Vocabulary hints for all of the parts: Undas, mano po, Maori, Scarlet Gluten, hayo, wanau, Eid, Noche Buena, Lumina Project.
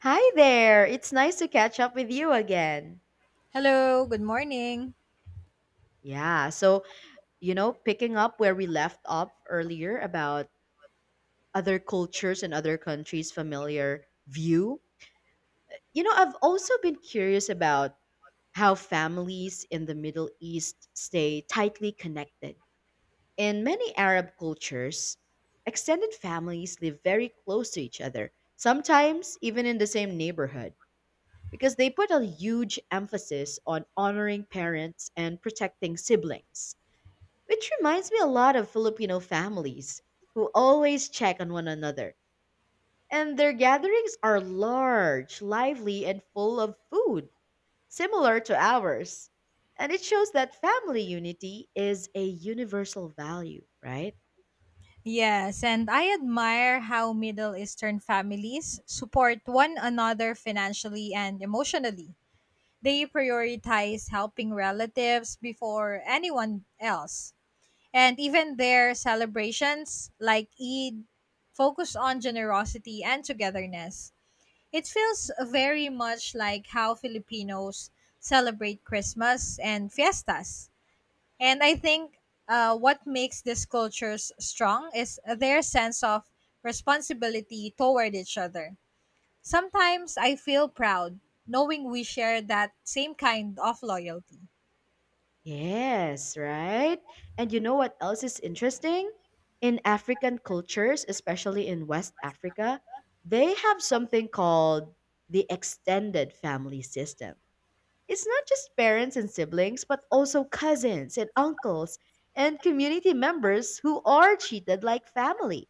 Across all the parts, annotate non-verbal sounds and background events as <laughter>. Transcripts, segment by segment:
Hi there. It's nice to catch up with you again. Hello, good morning. Yeah, so, Picking up where we left off earlier about other cultures and other countries' familiar view, you know, I've also been curious about how families in the Middle East stay tightly connected. In many Arab cultures, extended families live very close to each other, sometimes even in the same neighborhood, because they put a huge emphasis on honoring parents and protecting siblings, which reminds me a lot of Filipino families who always check on one another. And their gatherings are large, lively, and full of food, similar to ours. And it shows that family unity is a universal value, right? Yes, and I admire how Middle Eastern families support one another financially and emotionally. They prioritize helping relatives before anyone else. And even their celebrations, like Eid, focus on generosity and togetherness. It feels very much like how Filipinos celebrate Christmas and fiestas. And I think what makes these cultures strong is their sense of responsibility toward each other. Sometimes I feel proud knowing we share that same kind of loyalty. Yes, right? And you know what else is interesting? In African cultures, especially in West Africa, they have something called the extended family system. It's not just parents and siblings, but also cousins and uncles and community members who are treated like family.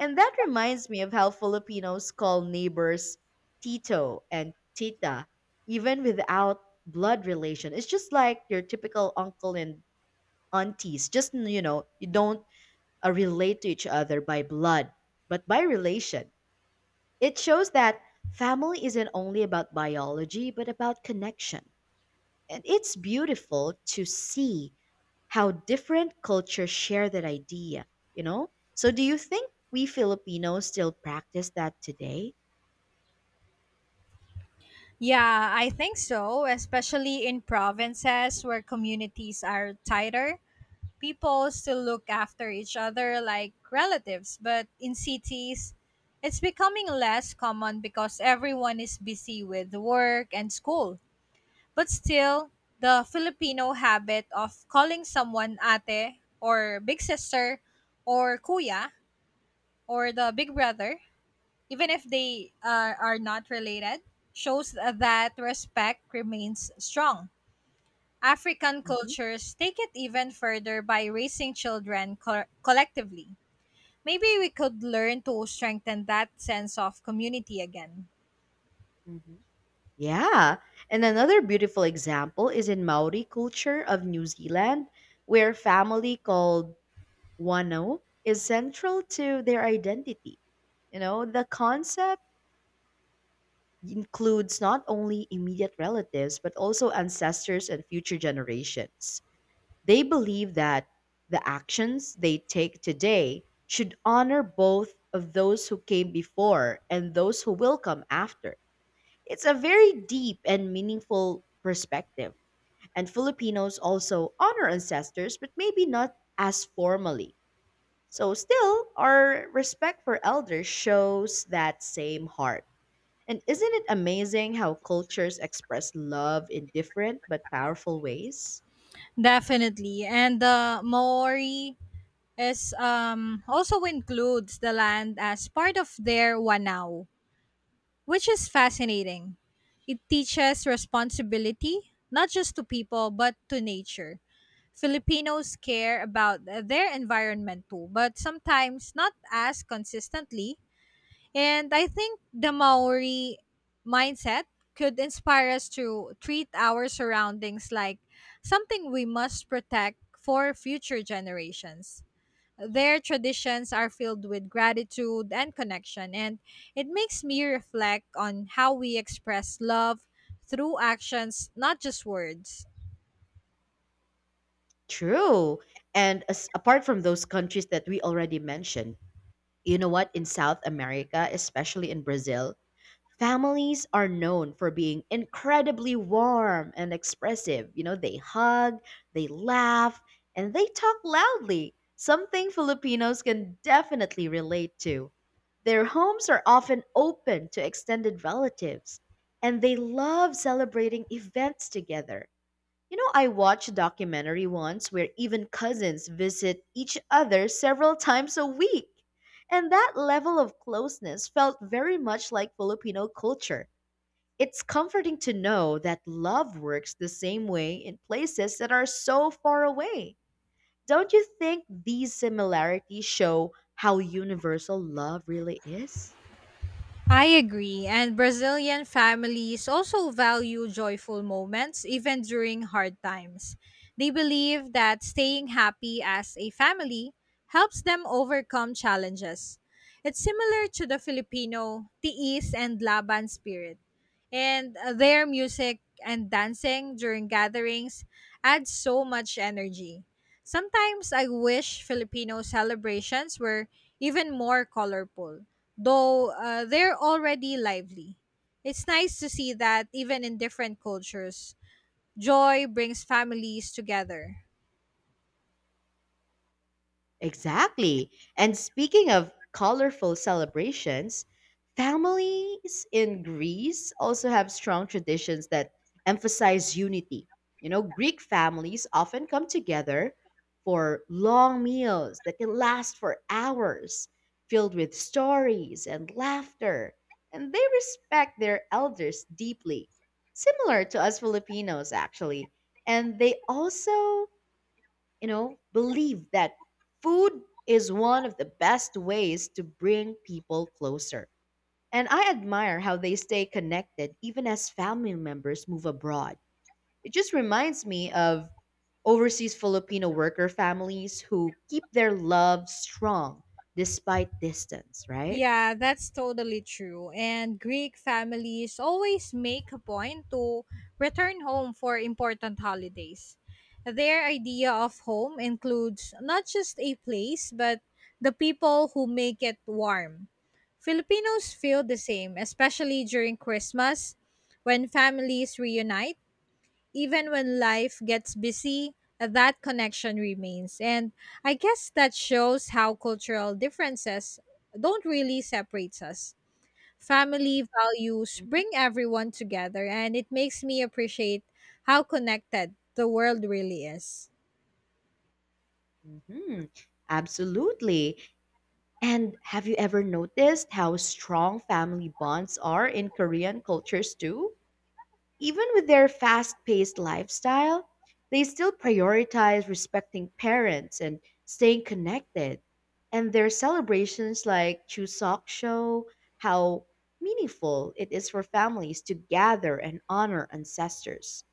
And that reminds me of how Filipinos call neighbors Tito and Tita, even without blood relation. It's just like your typical uncle and aunties. You don't relate to each other by blood, but by relation. It shows that family isn't only about biology, but about connection. And it's beautiful to see how different cultures share that idea. So do you think we Filipinos still practice that today? Yeah, I think so, especially in provinces where communities are tighter. People still look after each other like relatives, but in cities, it's becoming less common because everyone is busy with work and school. But still, the Filipino habit of calling someone ate or big sister or kuya or the big brother, even if they are not related, shows that respect remains strong. African Mm-hmm. cultures take it even further by raising children collectively. Maybe we could learn to strengthen that sense of community again. Mhm. Yeah. And another beautiful example is in Maori culture of New Zealand, where family called Wano is central to their identity. You know, the concept includes not only immediate relatives, but also ancestors and future generations. They believe that the actions they take today should honor both of those who came before and those who will come after. It's a very deep and meaningful perspective. And Filipinos also honor ancestors, but maybe not as formally. So, still, our respect for elders shows that same heart. And isn't it amazing how cultures express love in different but powerful ways? Definitely. And the Maori is also includes the land as part of their wanau, which is fascinating. It teaches responsibility, not just to people, but to nature. Filipinos care about their environment too, but sometimes not as consistently. And I think the Maori mindset could inspire us to treat our surroundings like something we must protect for future generations. Their traditions are filled with gratitude and connection, and it makes me reflect on how we express love through actions, not just words. True. And as, apart from those countries that we already mentioned, you know what? In South America, especially in Brazil, families are known for being incredibly warm and expressive. You know, they hug, they laugh, and they talk loudly, something Filipinos can definitely relate to. Their homes are often open to extended relatives, and they love celebrating events together. You know, I watched a documentary once where even cousins visit each other several times a week. And that level of closeness felt very much like Filipino culture. It's comforting to know that love works the same way in places that are so far away. Don't you think these similarities show how universal love really is? I agree, and Brazilian families also value joyful moments even during hard times. They believe that staying happy as a family helps them overcome challenges. It's similar to the Filipino tiis and laban spirit. And their music and dancing during gatherings add so much energy. Sometimes I wish Filipino celebrations were even more colorful though they're already lively. It's nice to see that even in different cultures, joy brings families together. Exactly. And speaking of colorful celebrations, families in Greece also have strong traditions that emphasize unity. You know, Greek families often come together for long meals that can last for hours, filled with stories and laughter, and they respect their elders deeply, similar to us Filipinos, actually. And they also, you know, believe that food is one of the best ways to bring people closer. And I admire how they stay connected even as family members move abroad. It just reminds me of overseas Filipino worker families who keep their love strong despite distance, right? Yeah, that's totally true. And Greek families always make a point to return home for important holidays. Their idea of home includes not just a place, but the people who make it warm. Filipinos feel the same, especially during Christmas when families reunite even when life gets busy, that connection remains. And I guess that shows how cultural differences don't really separate us. Family values Mhm. bring everyone together, and it makes me appreciate how connected the world really is. Mhm. Absolutely. And have you ever noticed how strong family bonds are in Korean cultures too? Even with their fast paced lifestyle, they still prioritize respecting parents and staying connected. And their celebrations like Chuseok show how meaningful it is for families to gather and honor ancestors.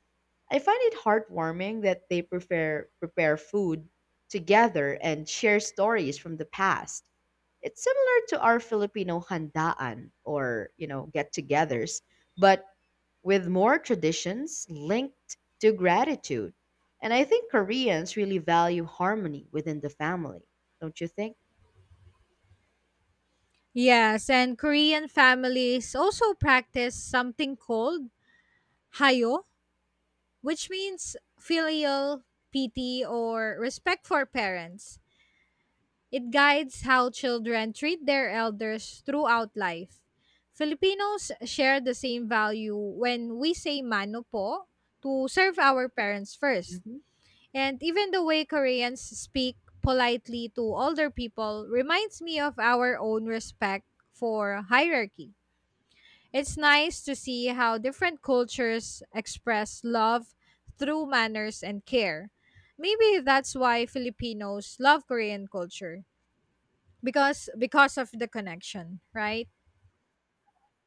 I find it heartwarming that they prepare food together and share stories from the past. It's similar to our Filipino handaan or, you know, get-togethers, but with more traditions linked to gratitude. And I think Koreans really value harmony within the family, don't you think? Yes, and Korean families also practice something called hayo, which means filial pity or respect for parents. It guides how children treat their elders throughout life. Filipinos share the same value when we say mano po to serve our parents first. Mhm. And even the way Koreans speak politely to older people reminds me of our own respect for hierarchy. It's nice to see how different cultures express love through manners and care. Maybe that's why Filipinos love Korean culture because of the connection, right?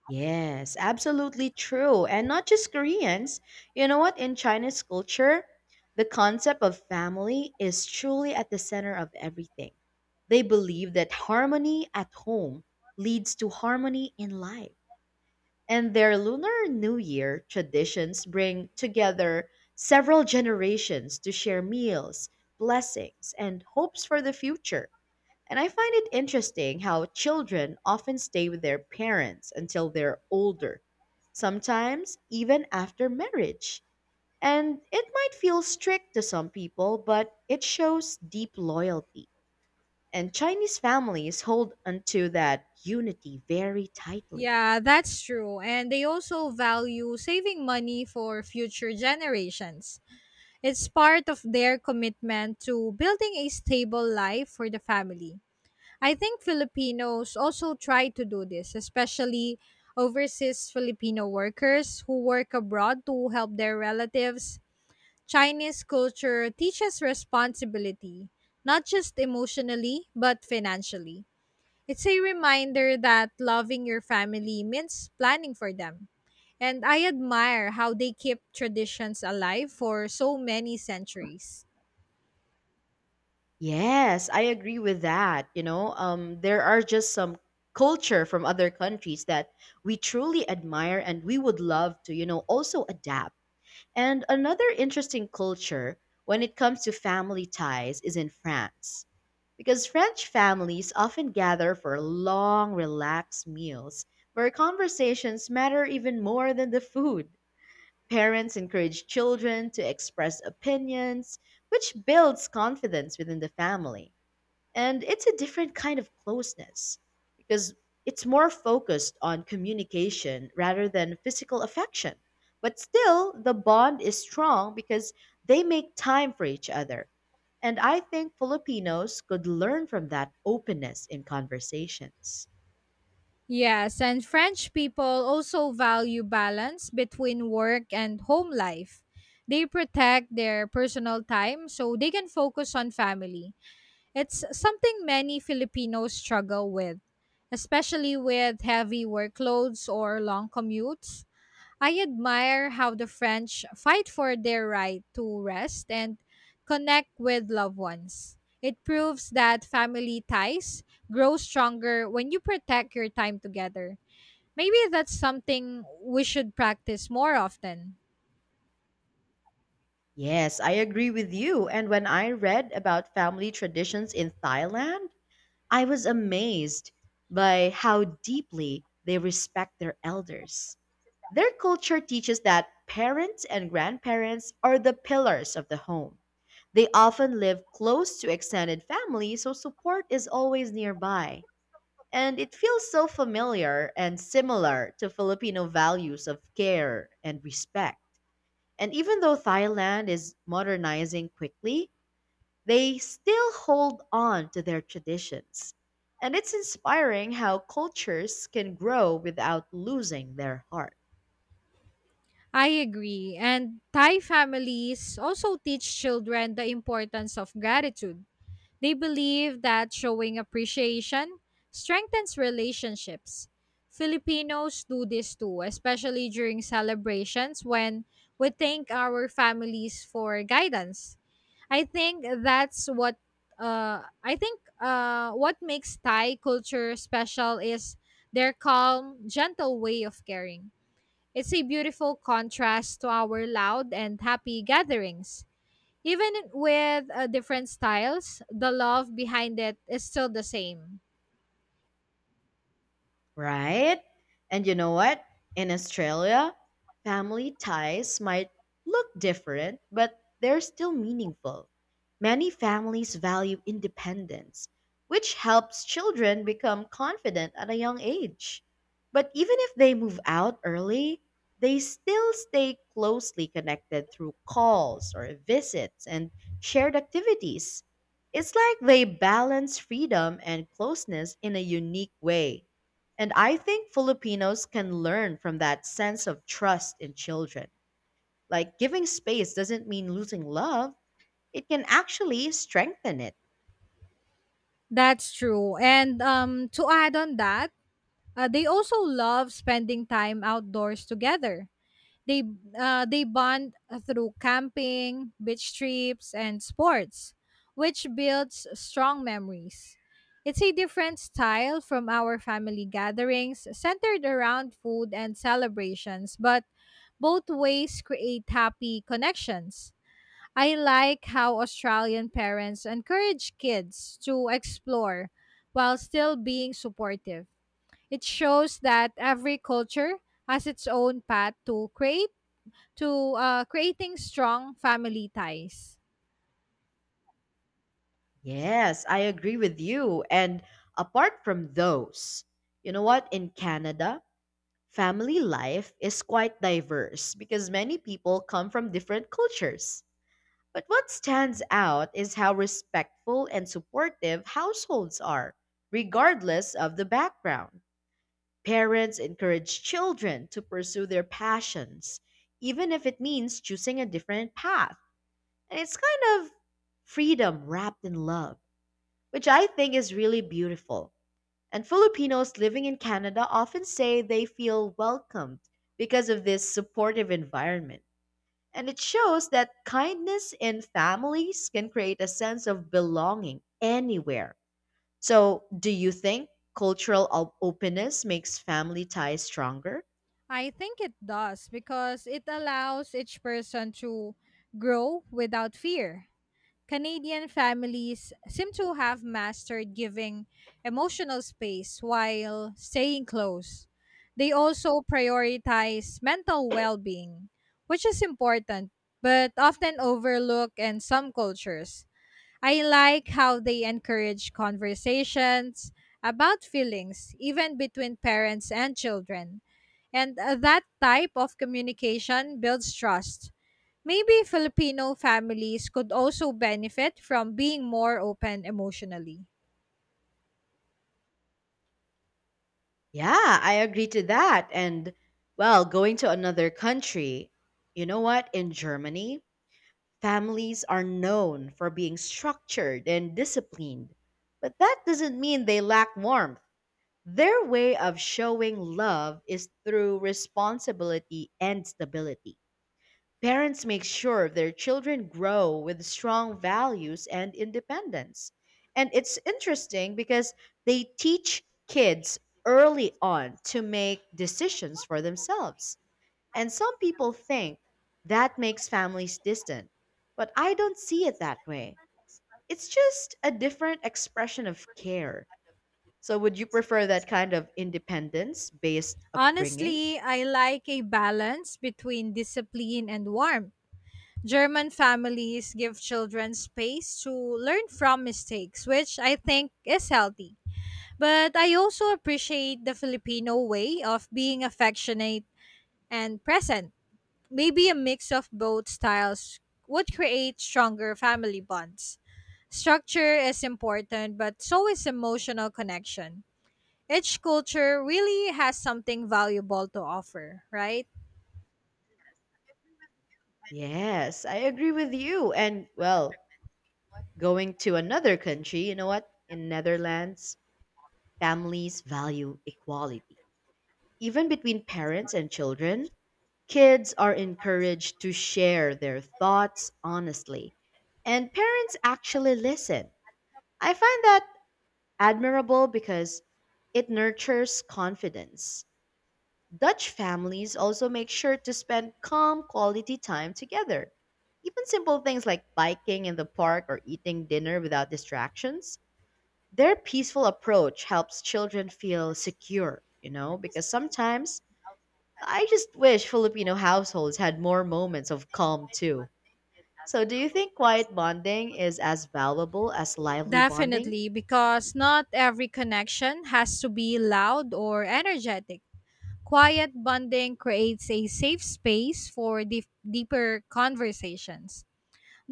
Yes, absolutely true. And not just Koreans. You know what? In Chinese culture, the concept of family is truly at the center of everything. They believe that harmony at home leads to harmony in life. And their Lunar New Year traditions bring together several generations to share meals, blessings, and hopes for the future. And I find it interesting how children often stay with their parents until they're older, sometimes even after marriage. And it might feel strict to some people, but it shows deep loyalty. And Chinese families hold onto that unity very tightly. Yeah, that's true, and they also value saving money for future generations. It's part of their commitment to building a stable life for the family. I think Filipinos also try to do this, especially overseas Filipino workers who work abroad to help their relatives. Chinese culture teaches responsibility, not just emotionally but financially. It's a reminder that loving your family means planning for them. And I admire how they keep traditions alive for so many centuries. Yes, I agree with that. There are just some culture from other countries that we truly admire and we would love to, you know, also adapt. And another interesting culture when it comes to family ties is in France. Because French families often gather for long, relaxed meals where conversations matter even more than the food. Parents encourage children to express opinions, which builds confidence within the family. And it's a different kind of closeness because it's more focused on communication rather than physical affection. But still, the bond is strong because they make time for each other. And I think Filipinos could learn from that openness in conversations. Yes, and French people also value balance between work and home life. They protect their personal time so they can focus on family. It's something many Filipinos struggle with, especially with heavy workloads or long commutes. I admire how the French fight for their right to rest and connect with loved ones. It proves that family ties grow stronger when you protect your time together. Maybe that's something we should practice more often. Yes, I agree with you. And when I read about family traditions in Thailand, I was amazed by how deeply they respect their elders. Their culture teaches that parents and grandparents are the pillars of the home. They often live close to extended family, so support is always nearby. And it feels so familiar and similar to Filipino values of care and respect. And even though Thailand is modernizing quickly, they still hold on to their traditions. And it's inspiring how cultures can grow without losing their heart. I agree. And Thai families also teach children the importance of gratitude. They believe that showing appreciation strengthens relationships. Filipinos do this too, especially during celebrations when we thank our families for guidance. I think that's what I think what makes Thai culture special is their calm, gentle way of caring. It's a beautiful contrast to our loud and happy gatherings. Even with different styles, the love behind it is still the same. Right? And you know what? In Australia, family ties might look different, but they're still meaningful. Many families value independence, which helps children become confident at a young age. But even if they move out early, they still stay closely connected through calls or visits and shared activities. It's like they balance freedom and closeness in a unique way. And I think Filipinos can learn from that sense of trust in children. Like giving space doesn't mean losing love, it can actually strengthen it. That's true. And to add on that, they also love spending time outdoors together. They they bond through camping, beach trips, and sports, which builds strong memories. It's a different style from our family gatherings centered around food and celebrations, but both ways create happy connections. I like how Australian parents encourage kids to explore while still being supportive. It shows that every culture has its own path to create to creating strong family ties. Yes, I agree with you. And apart from those, you know what? In Canada, family life is quite diverse because many people come from different cultures. But what stands out is how respectful and supportive households are, regardless of the background. Parents encourage children to pursue their passions, even if it means choosing a different path. And it's kind of freedom wrapped in love, which I think is really beautiful. And Filipinos living in Canada often say they feel welcomed because of this supportive environment. And it shows that kindness in families can create a sense of belonging anywhere. So, do you think openness makes family ties stronger? I think it does because it allows each person to grow without fear. Canadian families seem to have mastered giving emotional space while staying close. They also prioritize mental well being, which is important but often overlooked in some cultures. I like how they encourage conversations about feelings, even between parents and children. And that type of communication builds trust. Maybe Filipino families could also benefit from being more open emotionally. Yeah, I agree to that. And well, going to another country, you know what? In Germany, families are known for being structured and disciplined. But that doesn't mean they lack warmth. Their way of showing love is through responsibility and stability. Parents make sure their children grow with strong values and independence. And it's interesting because they teach kids early on to make decisions for themselves. And some people think that makes families distant, but I don't see it that way. It's just a different expression of care. So, would you prefer that kind of independence based upbringing? Honestly, I like a balance between discipline and warmth. German families give children space to learn from mistakes, which I think is healthy. But I also appreciate the Filipino way of being affectionate and present. Maybe a mix of both styles would create stronger family bonds. Structure is important, but so is emotional connection. Each culture really has something valuable to offer, right? Yes, I agree with you. And well, going to another country, you know what? In Netherlands, families value equality. Even between parents and children, kids are encouraged to share their thoughts honestly, and parents actually listen. I find that admirable because it nurtures confidence. Dutch families also make sure to spend calm quality time together. Even simple things like biking in the park or eating dinner without distractions. Their peaceful approach helps children feel secure, you know, because sometimes I just wish Filipino households had more moments of calm too. So, do you think quiet bonding is as valuable as lively bonding? Definitely, because not every connection has to be loud or energetic. Quiet bonding creates a safe space for deeper conversations.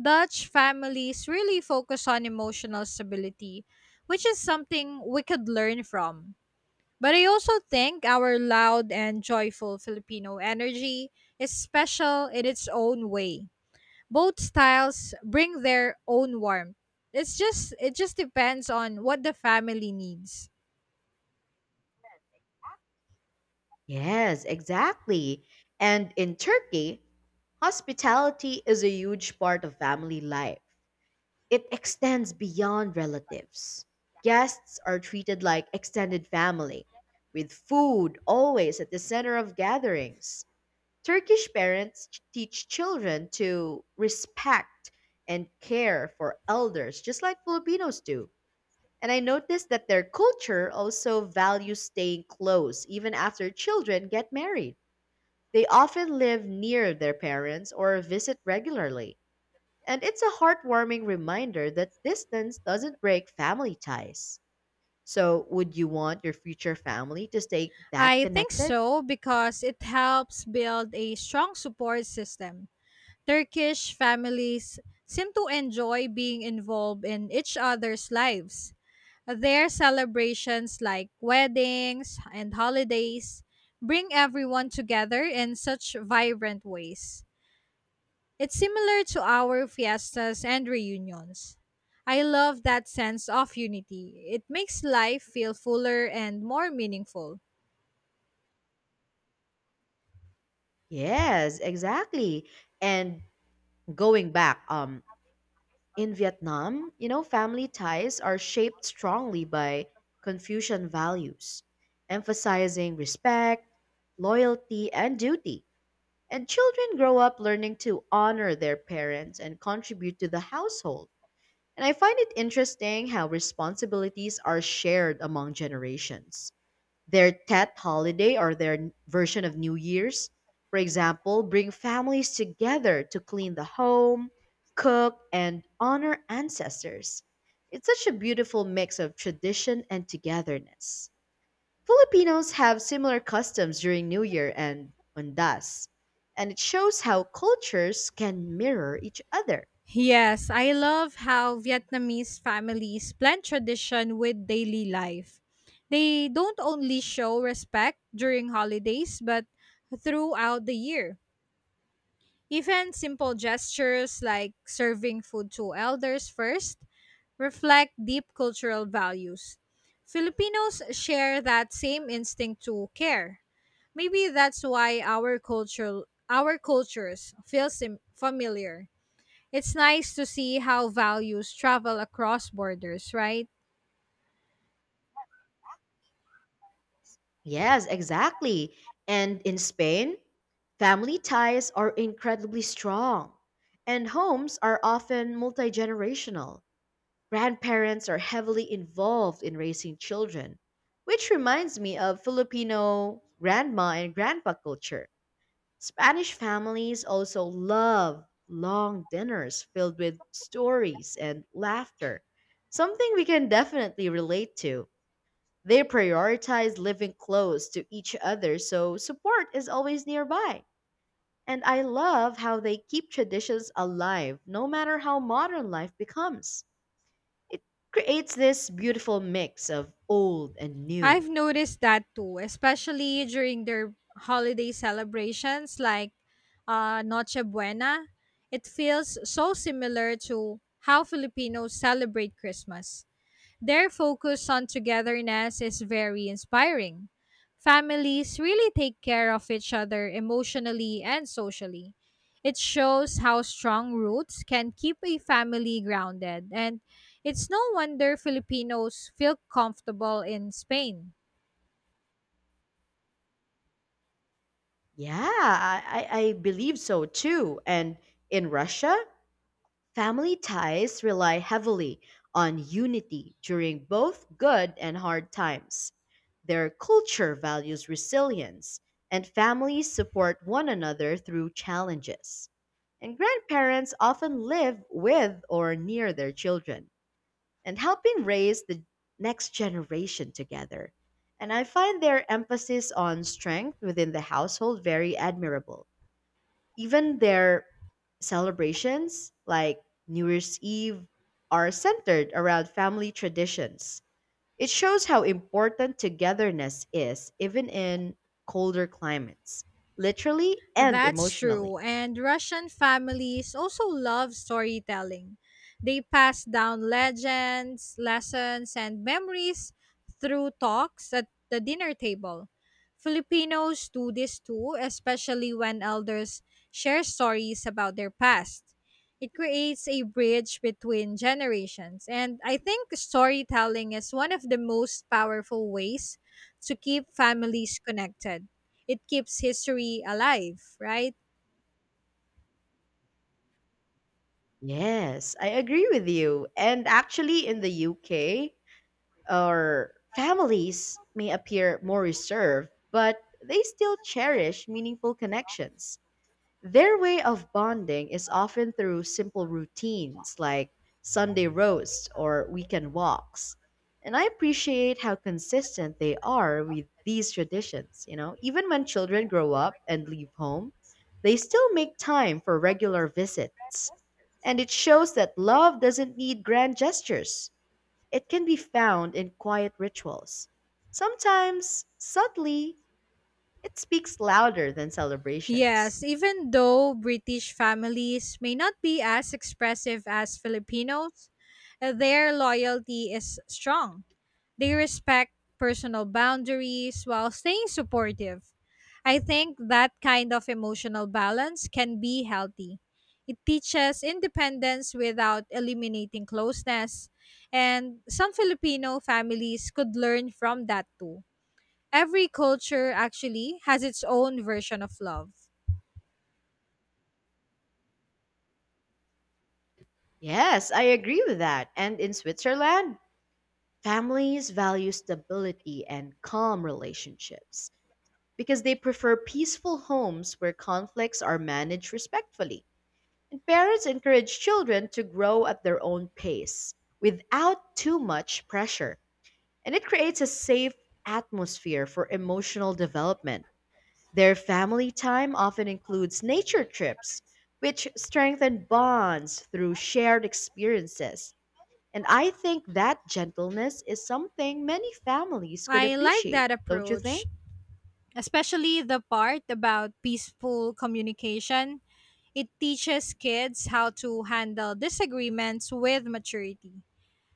Dutch families really focus on emotional stability, which is something we could learn from. But I also think our loud and joyful Filipino energy is special in its own way. Both styles bring their own warmth. It just depends on what the family needs. Yes, exactly. And in Turkey, hospitality is a huge part of family life. It extends beyond relatives. Guests are treated like extended family, with food always at the center of gatherings. Turkish parents teach children to respect and care for elders, just like Filipinos do. And I noticed that their culture also values staying close even after children get married. They often live near their parents or visit regularly. And it's a heartwarming reminder that distance doesn't break family ties. So, would you want your future family to stay that I think connected? so because it helps build a strong support system. Turkish families seem to enjoy being involved in each other's lives. Their celebrations, like weddings and holidays, bring everyone together in such vibrant ways. It's similar to our fiestas and reunions. I love that sense of unity. It makes life feel fuller and more meaningful. Yes, exactly. And going back in Vietnam, you know, family ties are shaped strongly by Confucian values, emphasizing respect, loyalty, and duty. And children grow up learning to honor their parents and contribute to the household. And I find it interesting how responsibilities are shared among generations. Their Tet holiday, or their version of New Year's, for example, bring families together to clean the home, cook, and honor ancestors. It's such a beautiful mix of tradition and togetherness. Filipinos have similar customs during New Year and Undas, and it shows how cultures can mirror each other. Yes, I love how Vietnamese families blend tradition with daily life. They don't only show respect during holidays, but throughout the year. Even simple gestures like serving food to elders first reflect deep cultural values. Filipinos share that same instinct to care. Maybe that's why our cultures feel familiar. It's nice to see how values travel across borders, right? Yes, exactly. And in Spain, family ties are incredibly strong, and homes are often multi generational. Grandparents are heavily involved in raising children, which reminds me of Filipino grandma and grandpa culture. Spanish families also love long dinners filled with stories and laughter, something we can definitely relate to. They prioritize living close to each other, so support is always nearby. And I love how they keep traditions alive no matter how modern life becomes. It creates this beautiful mix of old and new. I've noticed that too, especially during their holiday celebrations like Noche Buena. It feels so similar to how Filipinos celebrate Christmas. Their focus on togetherness is very inspiring. Families really take care of each other emotionally and socially. It shows how strong roots can keep a family grounded, and it's no wonder Filipinos feel comfortable in Spain. Yeah, I believe so too. And in Russia, family ties rely heavily on unity during both good and hard times. Their culture values resilience, and families support one another through challenges. And grandparents often live with or near their children and helping raise the next generation together. And I find their emphasis on strength within the household very admirable. Even their celebrations like New Year's Eve are centered around family traditions. It shows how important togetherness is, even in colder climates, literally and That's emotionally. true. And Russian families also love storytelling. They pass down legends, lessons, and memories through talks at the dinner table. Filipinos do this too, especially when elders share stories about their past. It creates a bridge between generations. And I think storytelling is one of the most powerful ways to keep families connected. It keeps history alive, right? Yes, I agree with you. And actually, in the UK, our families may appear more reserved, but they still cherish meaningful connections. Their way of bonding is often through simple routines like Sunday roasts or weekend walks. And I appreciate how consistent they are with these traditions. Even when children grow up and leave home, they still make time for regular visits. And it shows that love doesn't need grand gestures. It can be found in quiet rituals. Sometimes, subtly, it speaks louder than celebrations. Yes, even though British families may not be as expressive as Filipinos, their loyalty is strong. They respect personal boundaries while staying supportive. I think that kind of emotional balance can be healthy. It teaches independence without eliminating closeness, and some Filipino families could learn from that too. Every culture actually has its own version of love. Yes, I agree with that. And in Switzerland, families value stability and calm relationships because they prefer peaceful homes where conflicts are managed respectfully. And parents encourage children to grow at their own pace without too much pressure. And it creates a safe atmosphere for emotional development. Their family time often includes nature trips, which strengthen bonds through shared experiences. And I think that gentleness is something many families could I like appreciate, that don't you think? approach, especially the part about peaceful communication. It teaches kids how to handle disagreements with maturity.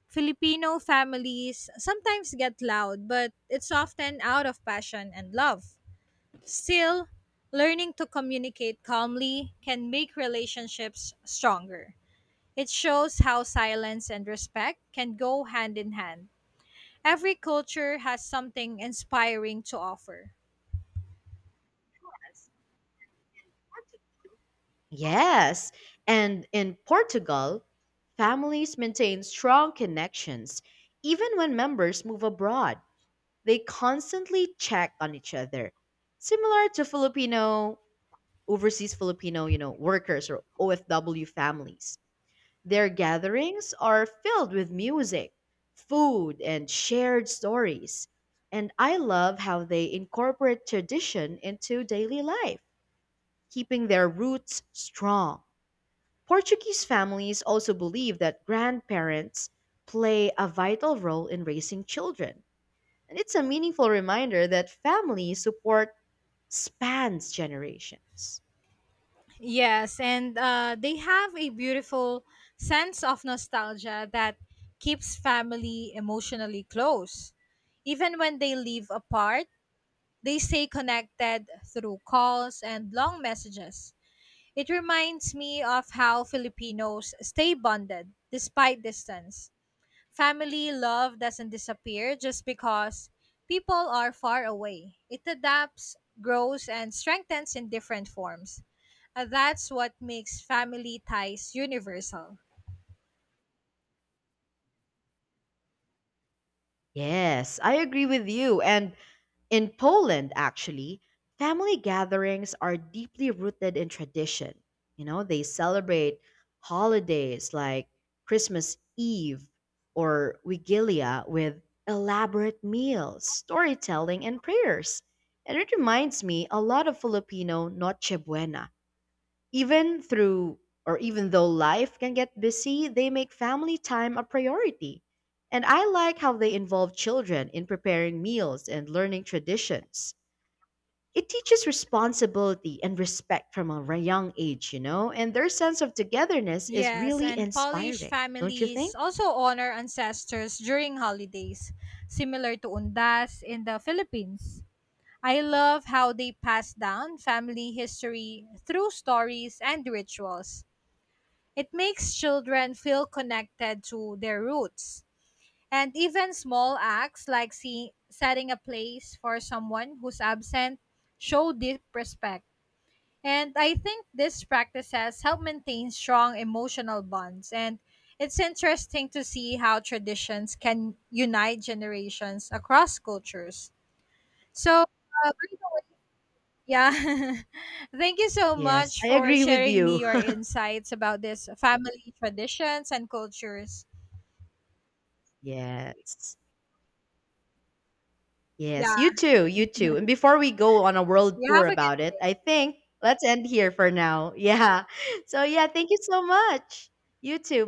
Filipino families sometimes get loud, but it's often out of passion and love. Still, learning to communicate calmly can make relationships stronger. It shows how silence and respect can go hand in hand. Every culture has something inspiring to offer. Yes. And in Portugal, families maintain strong connections even when members move abroad. They constantly check on each other. Similar to Filipino overseas Filipino, you know, workers or OFW families. Their gatherings are filled with music, food, and shared stories. And I love how they incorporate tradition into daily life, keeping their roots strong. Portuguese families also believe that grandparents play a vital role in raising children. And it's a meaningful reminder that family support spans generations. Yes, and they have a beautiful sense of nostalgia that keeps family emotionally close. Even when they live apart, they stay connected through calls and long messages. It reminds me of how Filipinos stay bonded despite distance. Family love doesn't disappear just because people are far away. It adapts, grows, and strengthens in different forms. That's what makes family ties universal. Yes, I agree with you. And in Poland, actually, family gatherings are deeply rooted in tradition. You know, they celebrate holidays like Christmas Eve or Wigilia with elaborate meals, storytelling, and prayers. And it reminds me a lot of Filipino Noche Buena, even through or even though life can get busy, they make family time a priority. And I like how they involve children in preparing meals and learning traditions. It teaches responsibility and respect from a young age, and their sense of togetherness is Yes, really and Polish inspiring, don't you think? families also honor ancestors during holidays, similar to Undas in the Philippines. I love how they pass down family history through stories and rituals. It makes children feel connected to their roots. And even small acts like setting a place for someone who's absent show deep respect. And I think these practices help maintain strong emotional bonds. And it's interesting to see how traditions can unite generations across cultures. So, by the way, yeah. <laughs> Thank you so Yes, much I for agree with sharing me you. your insights about this family traditions and cultures. <laughs> Yes. Yeah. Yes, you too, you too. And before we go on a world You tour have a about good it, day. I think let's end here for now. <laughs> Yeah. So, yeah, thank you so much. You too.